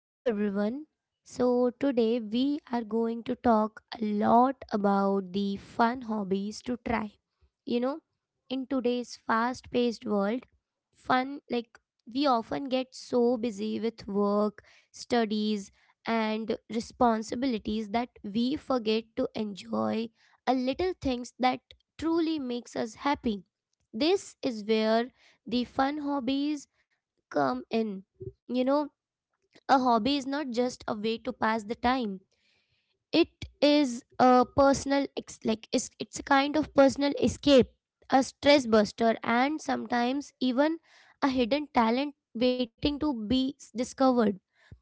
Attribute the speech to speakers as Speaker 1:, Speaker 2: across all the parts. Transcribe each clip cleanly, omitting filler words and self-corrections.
Speaker 1: Hello everyone. So today we are going to talk a lot about the fun hobbies to try. You know, in today's fast-paced world, fun like we often get so busy with work, studies and responsibilities that we forget to enjoy a little things that truly makes us happy. This is where the fun hobbies come in. You know, a hobby is not just a way to pass the time. It is a personal, ex- like it's a kind of personal escape, a stress buster, and sometimes even a hidden talent waiting to be discovered.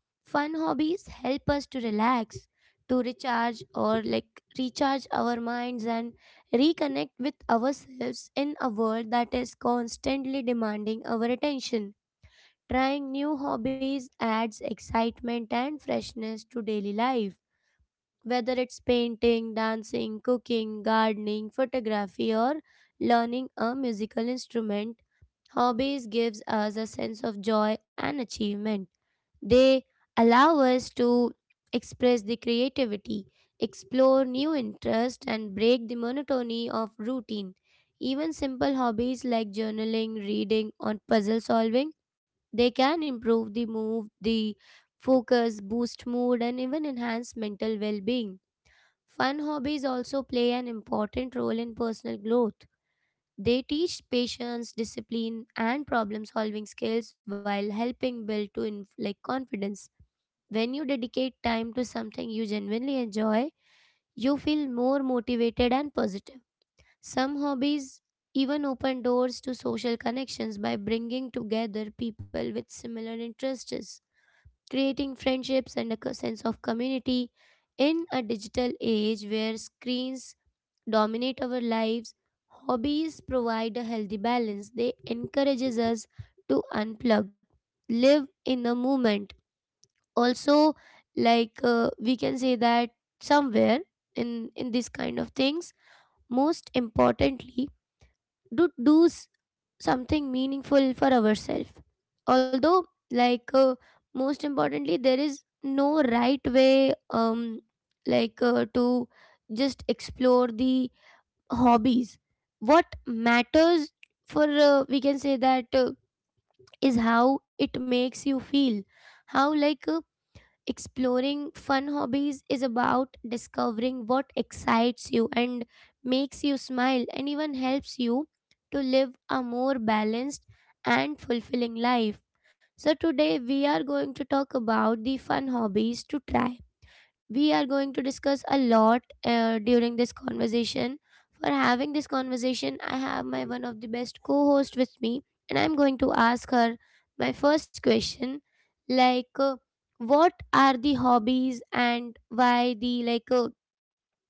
Speaker 1: Fun hobbies help us to relax, to recharge, or like recharge our minds and reconnect with ourselves in a world that is constantly demanding our attention. Trying new hobbies adds excitement and freshness to daily life, whether it's painting, dancing, cooking, gardening, photography, or learning a musical instrument. Hobbies gives us a sense of joy and achievement. They allow us to express the creativity, explore new interests, and break the monotony of routine. Even simple hobbies like journaling, reading, or puzzle solving, they can improve the focus, boost mood, and even enhance mental well-being. Fun hobbies also play an important role in personal growth. They teach patience, discipline, and problem solving skills while helping build to inf- like confidence. When you dedicate time to something you genuinely enjoy, you feel more motivated and positive. Some hobbies even open doors to social connections by bringing together people with similar interests, creating friendships and a sense of community. In a digital age where screens dominate our lives, hobbies provide a healthy balance. They encourages us to unplug, live in the moment also we can say that somewhere in this kind of things, most importantly do do s- something meaningful for ourselves, although like uh, most importantly there is no right way um to just explore the hobbies. What matters for we can say that is how it makes you feel, how like exploring fun hobbies is about discovering what excites you and makes you smile and even helps you to live a more balanced and fulfilling life. So, today we are going to talk about the fun hobbies to try. We are going to discuss a lot during this conversation. For having this conversation, I have my one of the best co-host with me, and I'm going to ask her my first question, like uh, what are the hobbies and why the like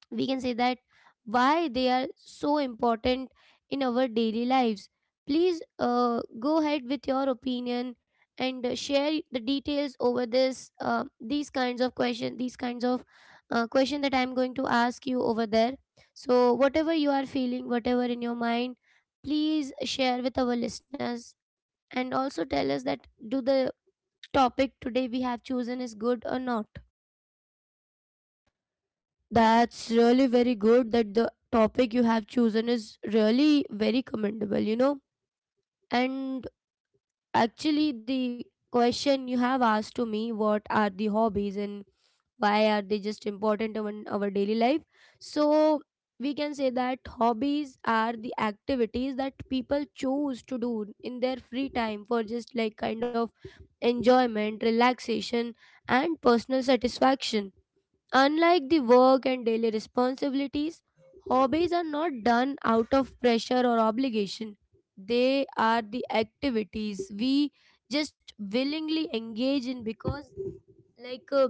Speaker 1: we can say that why they are so important in our daily lives. Please go ahead with your opinion and share the details over this, these kinds of question that I'm going to ask you over there. So whatever you are feeling, whatever in your mind, please share with our listeners, and also tell us that, do the topic today we have chosen is good or not?
Speaker 2: That's really very good that the topic you have chosen is really very commendable, you know. And actually, the question you have asked to me, what are the hobbies and why are they just important in our daily life? So, we can say that hobbies are the activities that people choose to do in their free time for just like kind of enjoyment, relaxation, and personal satisfaction. Unlike the work and daily responsibilities, hobbies are not done out of pressure or obligation. They are the activities we just willingly engage in because, like, uh,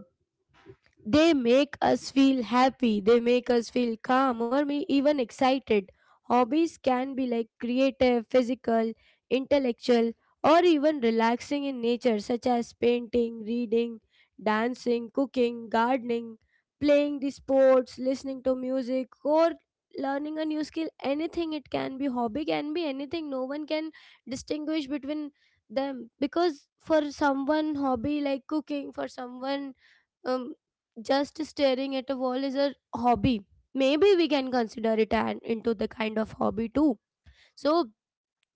Speaker 2: they make us feel happy, they make us feel calm or may even excited. Hobbies can be like creative, physical, intellectual, or even relaxing in nature, such as painting, reading, dancing, cooking, gardening, playing the sports, listening to music, or learning a new skill. Anything it can be, hobby can be anything. No one can distinguish between them, because for someone hobby like cooking, for someone um, just staring at a wall is a hobby. Maybe we can consider it an, into the kind of hobby too. So,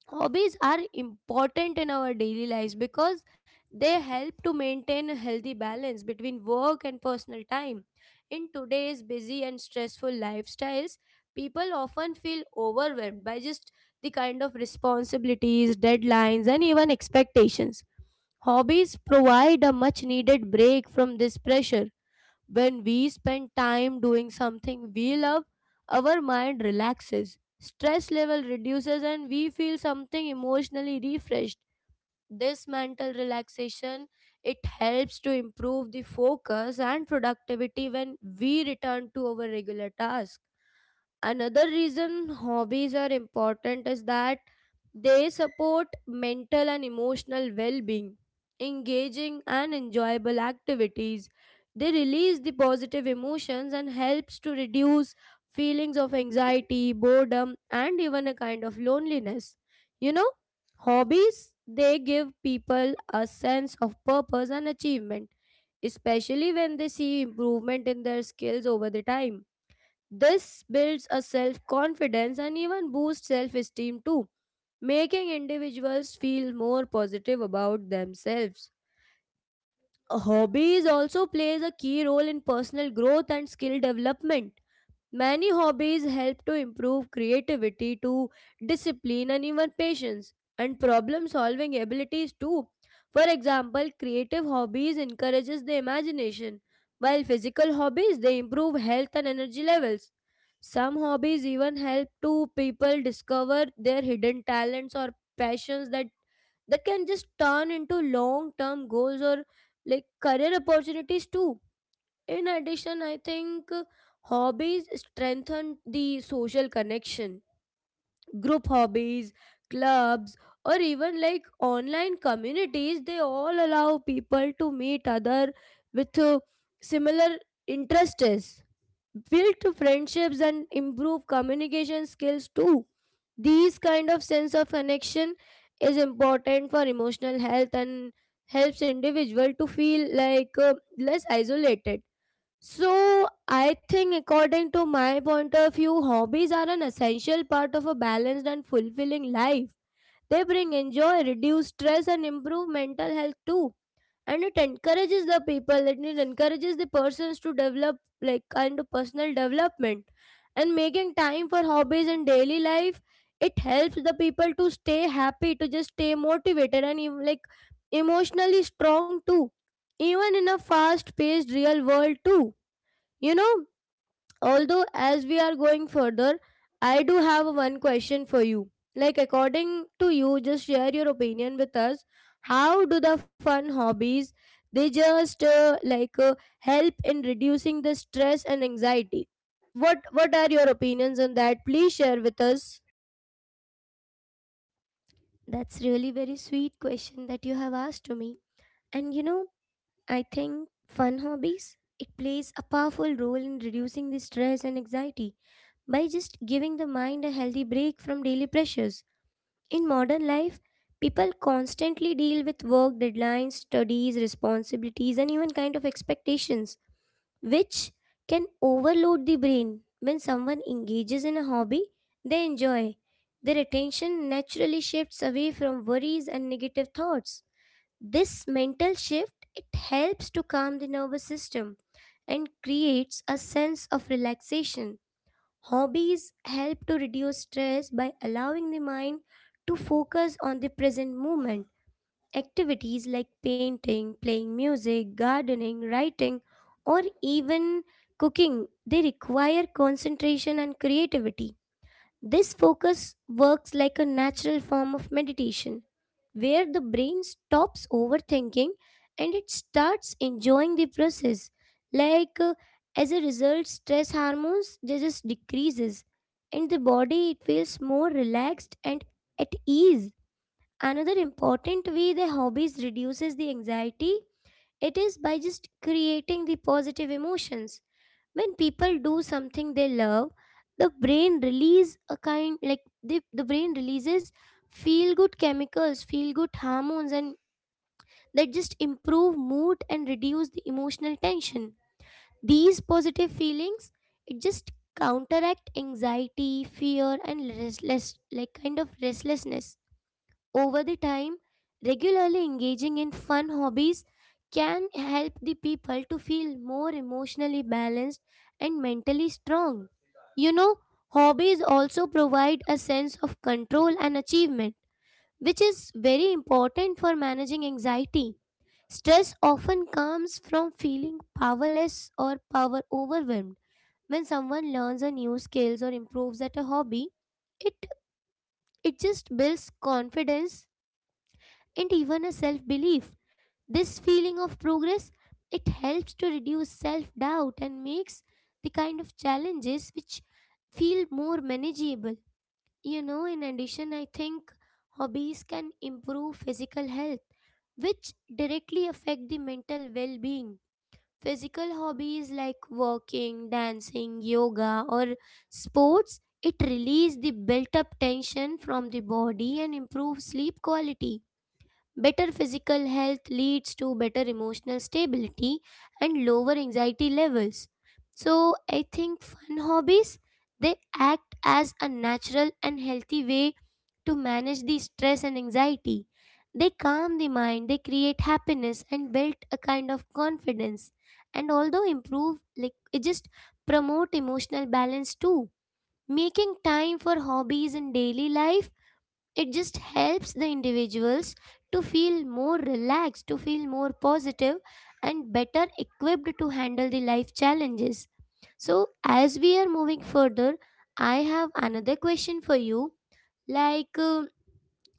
Speaker 2: hobbies are important in our daily lives because they help to maintain a healthy balance between work and personal time. In today's busy and stressful lifestyles, people often feel overwhelmed by just the kind of responsibilities, deadlines, and even expectations. Hobbies provide a much needed break from this pressure. When we spend time doing something we love, our mind relaxes, stress level reduces, and we feel something emotionally refreshed. This mental relaxation, it helps to improve the focus and productivity when we return to our regular task. Another reason hobbies are important is that they support mental and emotional well-being. Engaging and enjoyable activities, they release the positive emotions and helps to reduce feelings of anxiety, boredom and even a kind of loneliness. You know, hobbies, they give people a sense of purpose and achievement, especially when they see improvement in their skills over the time. This builds a self confidence and even boosts self esteem too, making individuals feel more positive about themselves. Hobbies also plays a key role in personal growth and skill development. Many hobbies help to improve creativity, to discipline, and even patience and problem solving abilities too. For example, creative hobbies encourages the imagination, while physical hobbies they improve health and energy levels. Some hobbies even help to people discover their hidden talents or passions that can just turn into long term goals or like career opportunities too. In addition, I think hobbies strengthen the social connection. Group hobbies, clubs, or even like online communities, they all allow people to meet other with similar interests, build friendships and improve communication skills too. These kind of sense of connection is important for emotional health and helps individual to feel like less isolated. So, I think, according to my point of view, hobbies are an essential part of a balanced and fulfilling life. They bring enjoy, reduce stress, and improve mental health too. And it encourages the people, and it encourages the persons to develop like kind of personal development. And making time for hobbies in daily life, it helps the people to stay happy, to just stay motivated, and even like emotionally strong too. Even in a fast paced real world too. You know, although, as we are going further, I do have one question for you. Like, according to you, just share your opinion with us. How do the fun hobbies they just help in reducing the stress and anxiety? What are your opinions on that? Please share with us.
Speaker 1: That's really very sweet question that you have asked to me. And you know, I think fun hobbies, it plays a powerful role in reducing the stress and anxiety by just giving the mind a healthy break from daily pressures. In modern life, people constantly deal with work deadlines, studies, responsibilities and even kind of expectations which can overload the brain. When someone engages in a hobby, they enjoy. Their attention naturally shifts away from worries and negative thoughts. This mental shift, it helps to calm the nervous system and creates a sense of relaxation. Hobbies help to reduce stress by allowing the mind to focus on the present moment. Activities like painting, playing music, gardening, writing, or even cooking, they require concentration and creativity. This focus works like a natural form of meditation where the brain stops overthinking and it starts enjoying the process. like uh, as a result, stress hormones, they just decreases and the body, it feels more relaxed and at ease. Another important way the hobbies reduces the anxiety, it is by just creating the positive emotions. When people do something they love, the brain release a kind, the brain releases feel good chemicals, feel good hormones, and that just improve mood and reduce the emotional tension. These positive feelings, it just counteract anxiety, fear and restlessness. Over the time, regularly engaging in fun hobbies can help the people to feel more emotionally balanced and mentally strong. You know, hobbies also provide a sense of control and achievement, which is very important for managing anxiety. Stress often comes from feeling powerless or power overwhelmed. When someone learns a new skills or improves at a hobby, it it just builds confidence and even a self belief. This feeling of progress, it helps to reduce self doubt and makes the kind of challenges which feel more manageable. You know, in addition, I think hobbies can improve physical health, which directly affect the mental well being. Physical hobbies like walking, dancing, yoga, or sports, it release the built up tension from the body and improve sleep quality. Better physical health leads to better emotional stability and lower anxiety levels. So, I think fun hobbies, they act as a natural and healthy way to manage the stress and anxiety. They calm the mind, they create happiness and build a kind of confidence, and although improve like it just promote emotional balance too. Making time for hobbies in daily life, it just helps the individuals to feel more relaxed, to feel more positive, and better equipped to handle the life challenges. So, as we are moving further, I have another question for you. Like,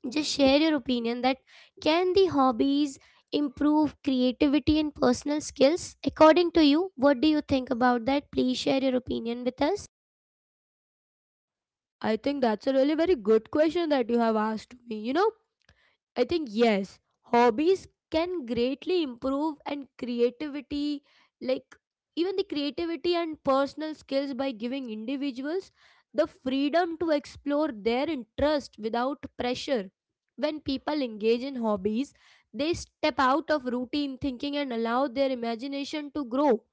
Speaker 1: just share your opinion that, can the hobbies improve creativity and personal skills? According to you, what do you think about that? Please share your opinion with us.
Speaker 2: I think that's a really very good question that you have asked me. You know, I think yes, hobbies can greatly improve and creativity, like even the creativity and personal skills by giving individuals the freedom to explore their interest without pressure. When people engage in hobbies, they step out of routine thinking and allow their imagination to grow.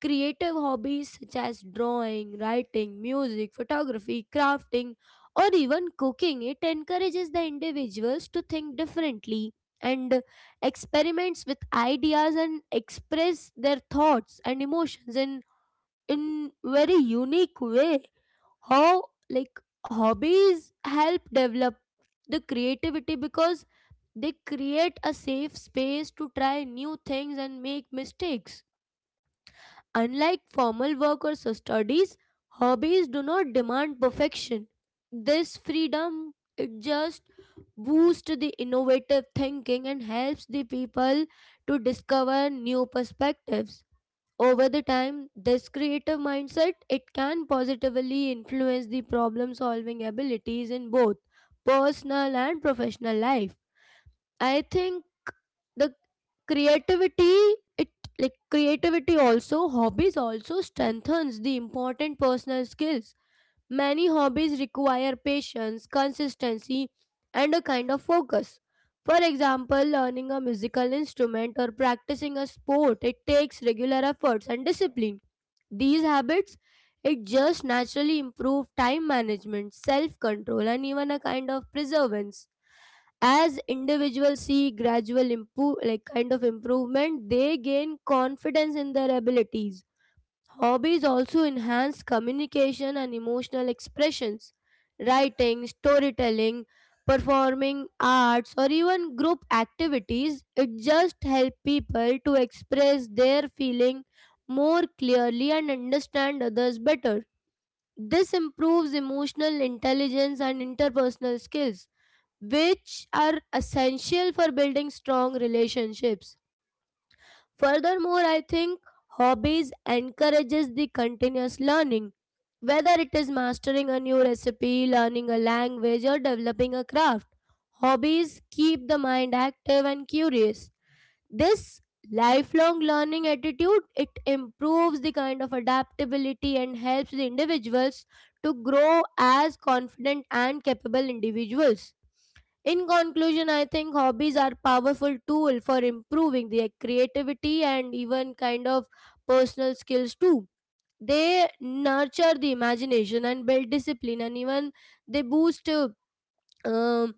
Speaker 2: Creative hobbies such as drawing, writing, music, photography, crafting, or even cooking, it encourages the individuals to think differently and experiments with ideas and express their thoughts and emotions in very unique way. How like hobbies help develop the creativity because they create a safe space to try new things and make mistakes. Unlike formal work or so studies, hobbies do not demand perfection. This freedom, it just boosts the innovative thinking and helps the people to discover new perspectives. Over the time, this creative mindset it can positively influence the problem solving abilities in both personal and professional life. I think the creativity it like creativity also hobbies also strengthens the important personal skills. Many hobbies require patience, consistency and a kind of focus. For example, learning a musical instrument or practicing a sport, it takes regular efforts and discipline. These habits, it just naturally improve time management, self control and even a kind of perseverance. As individuals see gradual improve like kind of improvement, they gain confidence in their abilities. Hobbies also enhance communication and emotional expressions. Writing, storytelling, performing arts or even group activities, it just help people to express their feeling more clearly and understand others better. This improves emotional intelligence and interpersonal skills, which are essential for building strong relationships. Furthermore, I think hobbies encourages the continuous learning, whether it is mastering a new recipe, learning a language, or developing a craft. Hobbies keep the mind active and curious. This lifelong learning attitude, it improves the kind of adaptability and helps the individuals to grow as confident and capable individuals. In conclusion, I think hobbies are powerful tool for improving their creativity and even kind of personal skills too. They nurture the imagination and build discipline, and even they boost uh, um,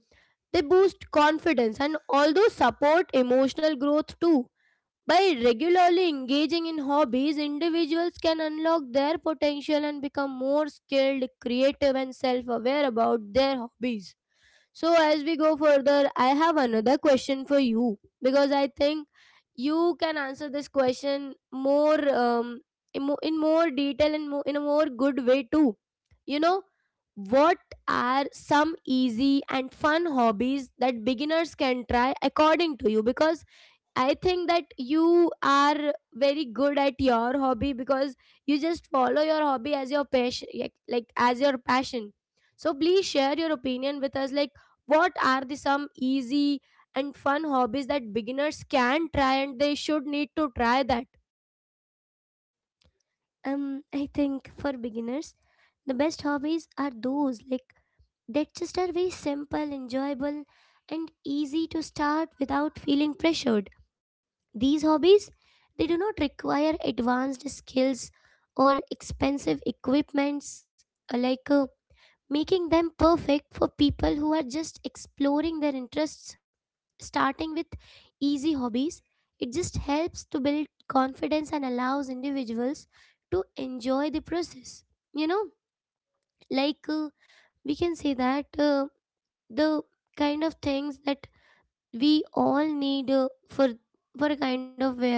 Speaker 2: they boost confidence and although support emotional growth too. By regularly engaging in hobbies, individuals can unlock their potential and become more skilled, creative, and self-aware about their hobbies. So, as we go further, I have another question for you because I think you can answer this question more in more detail and more, in a more good way too. You know, what are some easy and fun hobbies that beginners can try according to you? Because I think that you are very good at your hobby because you just follow your hobby as your passion, like as your passion. So please share your opinion with us. Like, what are the some easy and fun hobbies that beginners can try and they should need to try that?
Speaker 1: I think for beginners, the best hobbies are those that just are very simple, enjoyable, and easy to start without feeling pressured. These hobbies, they do not require advanced skills or expensive equipments, uh, like uh, making them perfect for people who are just exploring their interests. Starting with easy hobbies, it just helps to build confidence and allows individuals to enjoy the process. You know, like uh, we can say that, the kind of things that we all need for a kind of wear,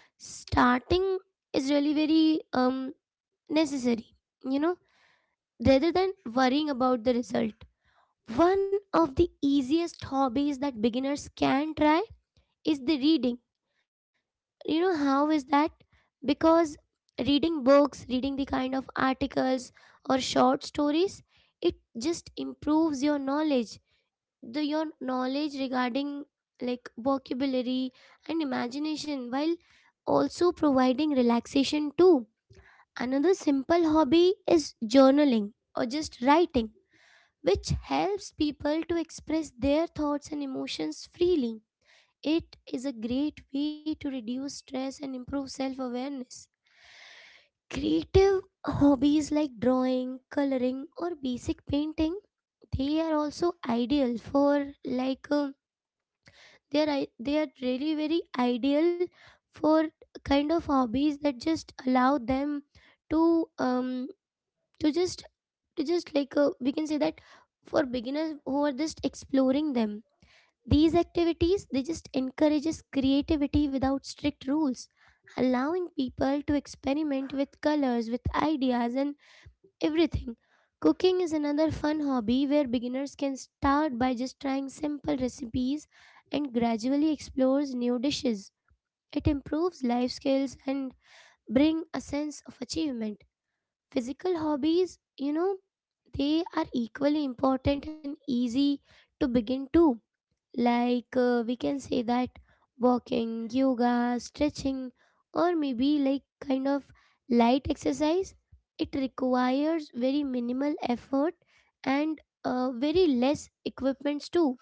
Speaker 1: starting is really very necessary, you know, rather than worrying about the result. One of the easiest hobbies that beginners can try is the reading. You know how is that? Because reading books, reading the kind of articles or short stories, it just improves your knowledge, the your knowledge regarding like vocabulary and imagination, while also providing relaxation too. Another simple hobby is journaling or just writing, which helps people to express their thoughts and emotions freely. It is a great way to reduce stress and improve self awareness. Creative hobbies like drawing, coloring or basic painting, they are also ideal for like um, they are really very ideal for kind of hobbies that just allow them to um to just to just like we can say that, for beginners who are just exploring them, these activities, they just encourages creativity without strict rules, allowing people to experiment with colors, with ideas and everything. Cooking is another fun hobby where beginners can start by just trying simple recipes and gradually explores new dishes. It improves life skills and bring a sense of achievement. Physical hobbies, you know, they are equally important and easy to begin too. We can say that walking, yoga, stretching, or maybe like kind of light exercise, it requires very minimal effort and very less equipments too.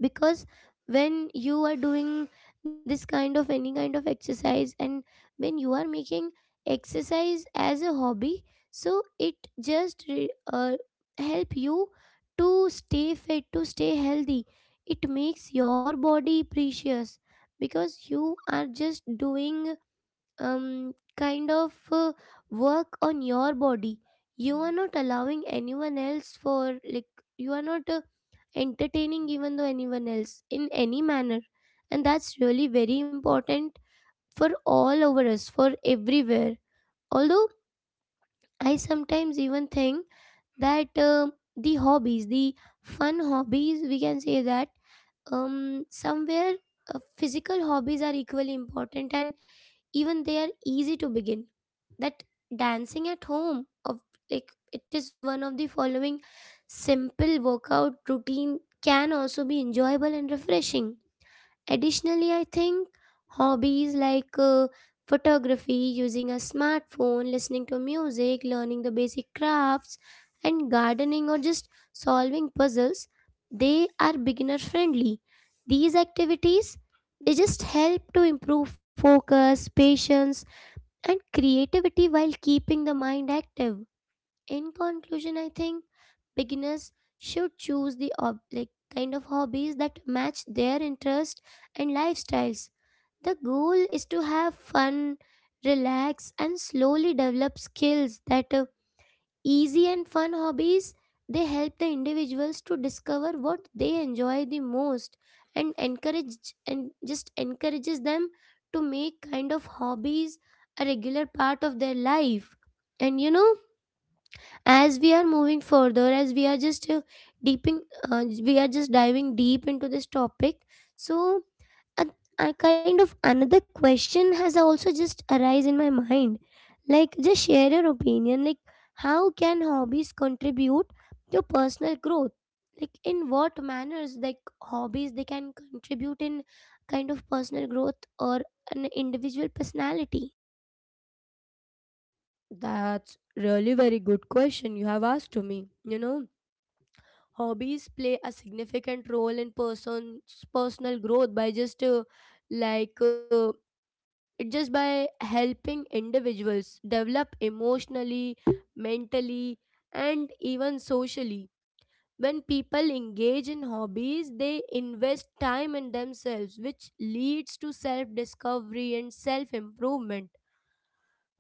Speaker 1: Because when you are doing this kind of any kind of exercise, and when you are making exercise as a hobby, so it just help you to stay fit, to stay healthy. It makes your body precious, because you are just doing um kind of uh, work on your body. You are not allowing anyone else for like, you are not entertaining even though anyone else in any manner, and that's really very important for all over us, for everywhere. Although I sometimes even think that the hobbies, the fun hobbies, we can say that, somewhere physical hobbies are equally important and even they are easy to begin, that dancing at home of like, it is one of the following simple workout routine, can also be enjoyable and refreshing. Additionally, I think hobbies photography using a smartphone, listening to music, learning the basic crafts and gardening or just solving puzzles, they are beginner friendly. These activities, they just help to improve focus, patience and creativity while keeping the mind active. In conclusion, I think beginners should choose the kind of hobbies that match their interest and lifestyles. The goal is to have fun, relax, and slowly develop skills that easy and fun hobbies, they help the individuals to discover what they enjoy the most, and encourage and just encourages them to make kind of hobbies a regular part of their life. And you know, as we are moving further, as we are just deeping, we are just diving deep into this topic. So a, a kind of another question has also just arise in my mind, like, just share your opinion, like, how can hobbies contribute to personal growth, like in what manners, like hobbies, they can contribute in kind of personal growth or an individual personality.
Speaker 2: That's really very good question you have asked to me. You know, hobbies play a significant role in person's personal growth by just like. Uh, it just by helping individuals develop emotionally, mentally, and even socially. When people engage in hobbies, they invest time in themselves, which leads to self discovery and self improvement.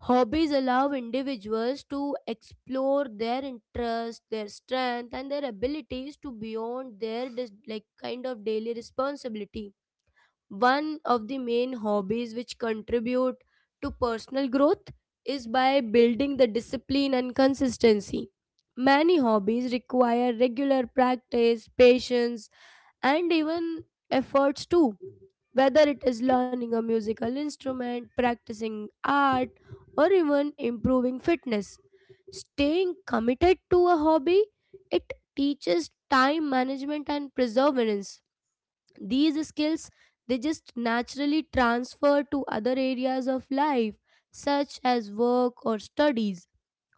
Speaker 2: Hobbies allow individuals to explore their interests, their strength, and their abilities to beyond their like kind of daily responsibility. One of the main hobbies which contribute to personal growth is by building the discipline and consistency. Many hobbies require regular practice, patience, and even efforts too. Whether it is learning a musical instrument, practicing art, or even improving fitness, staying committed to a hobby, it teaches time management and perseverance. These skills, they just naturally transfer to other areas of life such as work or studies.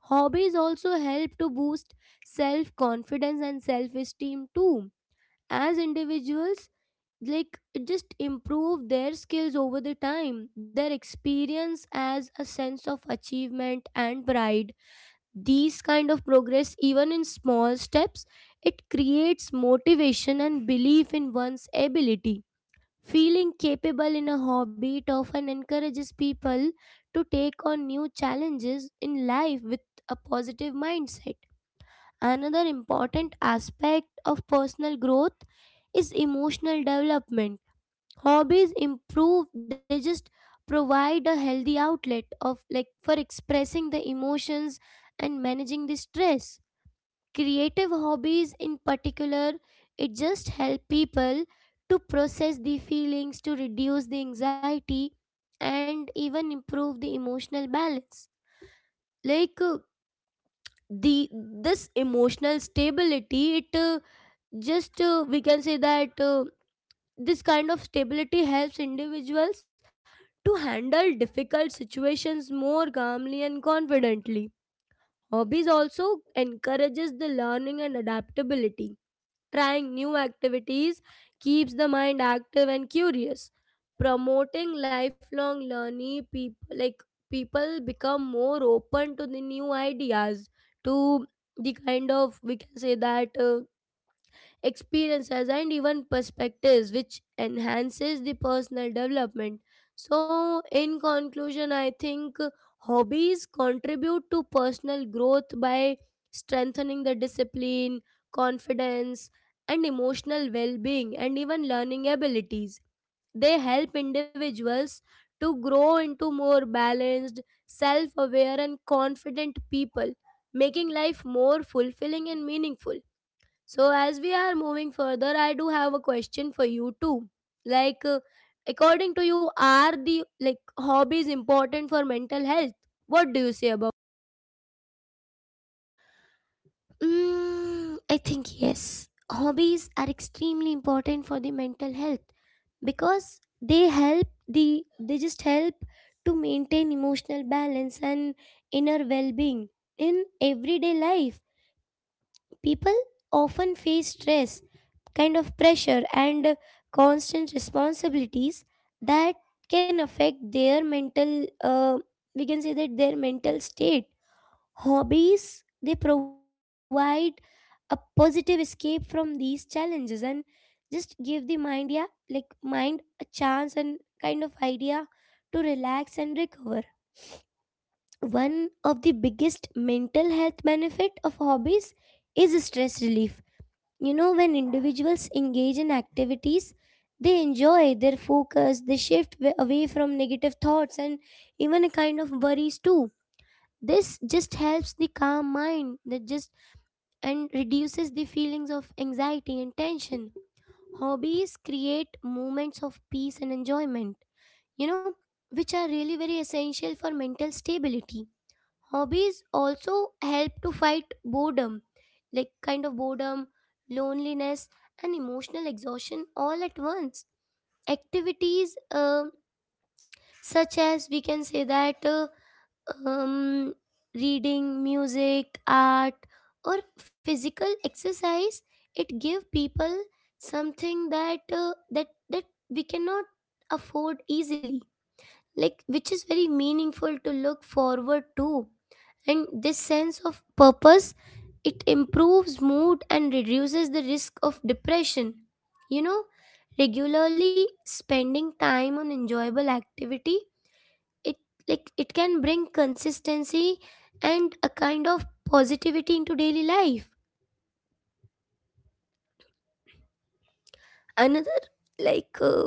Speaker 2: Hobbies also help to boost self confidence and self esteem too. As individuals like it just improve their skills over the time, their experience as a sense of achievement and pride. These kind of progress, even in small steps, it creates motivation and belief in one's ability. Feeling capable in a hobby often encourages people to take on new challenges in life with a positive mindset. Another important aspect of personal growth is emotional development. Hobbies improve, they just provide a healthy outlet of like for expressing the emotions and managing the stress. Creative hobbies in particular, it just help people to process the feelings, to reduce the anxiety and even improve the emotional balance. Like the This emotional stability it just we can say that this kind of stability helps individuals to handle difficult situations more calmly and confidently. Hobbies also encourages the learning and adaptability. Trying new activities keeps the mind active and curious. Promoting lifelong learning, people become more open to the new ideas, to the kind of we can say that experiences and even perspectives, which enhances the personal development. So, in conclusion, I think hobbies contribute to personal growth by strengthening the discipline, confidence, and emotional well-being and even learning abilities. They help individuals to grow into more balanced, self-aware and confident people, making life more fulfilling and meaningful. So, as we are moving further, I do have a question for you too. Like, according to you, are the like hobbies important for mental health? What do you say about?
Speaker 1: Mm, I think yes. Hobbies are extremely important for the mental health because they just help to maintain emotional balance and inner well-being in everyday life. People often face stress, kind of pressure and constant responsibilities that can affect their mental, we can say that, their mental state. Hobbies, they provide a positive escape from these challenges and just give the mind, yeah, like mind a chance and kind of idea to relax and recover. One of the biggest mental health benefit of hobbies is stress relief. You know, when individuals engage in activities they enjoy, their focus, they shift away from negative thoughts and even a kind of worries too. This just helps the calm mind, that just and reduces the feelings of anxiety and tension. Hobbies create moments of peace and enjoyment, you know, which are really very essential for mental stability. Hobbies also help to fight boredom, like kind of boredom, loneliness, and emotional exhaustion all at once. Activities such as we can say that um, reading, music, art, or physical exercise, it give people something that we cannot afford easily, like which is very meaningful to look forward to. And this sense of purpose, it improves mood and reduces the risk of depression. You know, regularly spending time on enjoyable activity, it like it can bring consistency and a kind of positivity into daily life. Another like uh,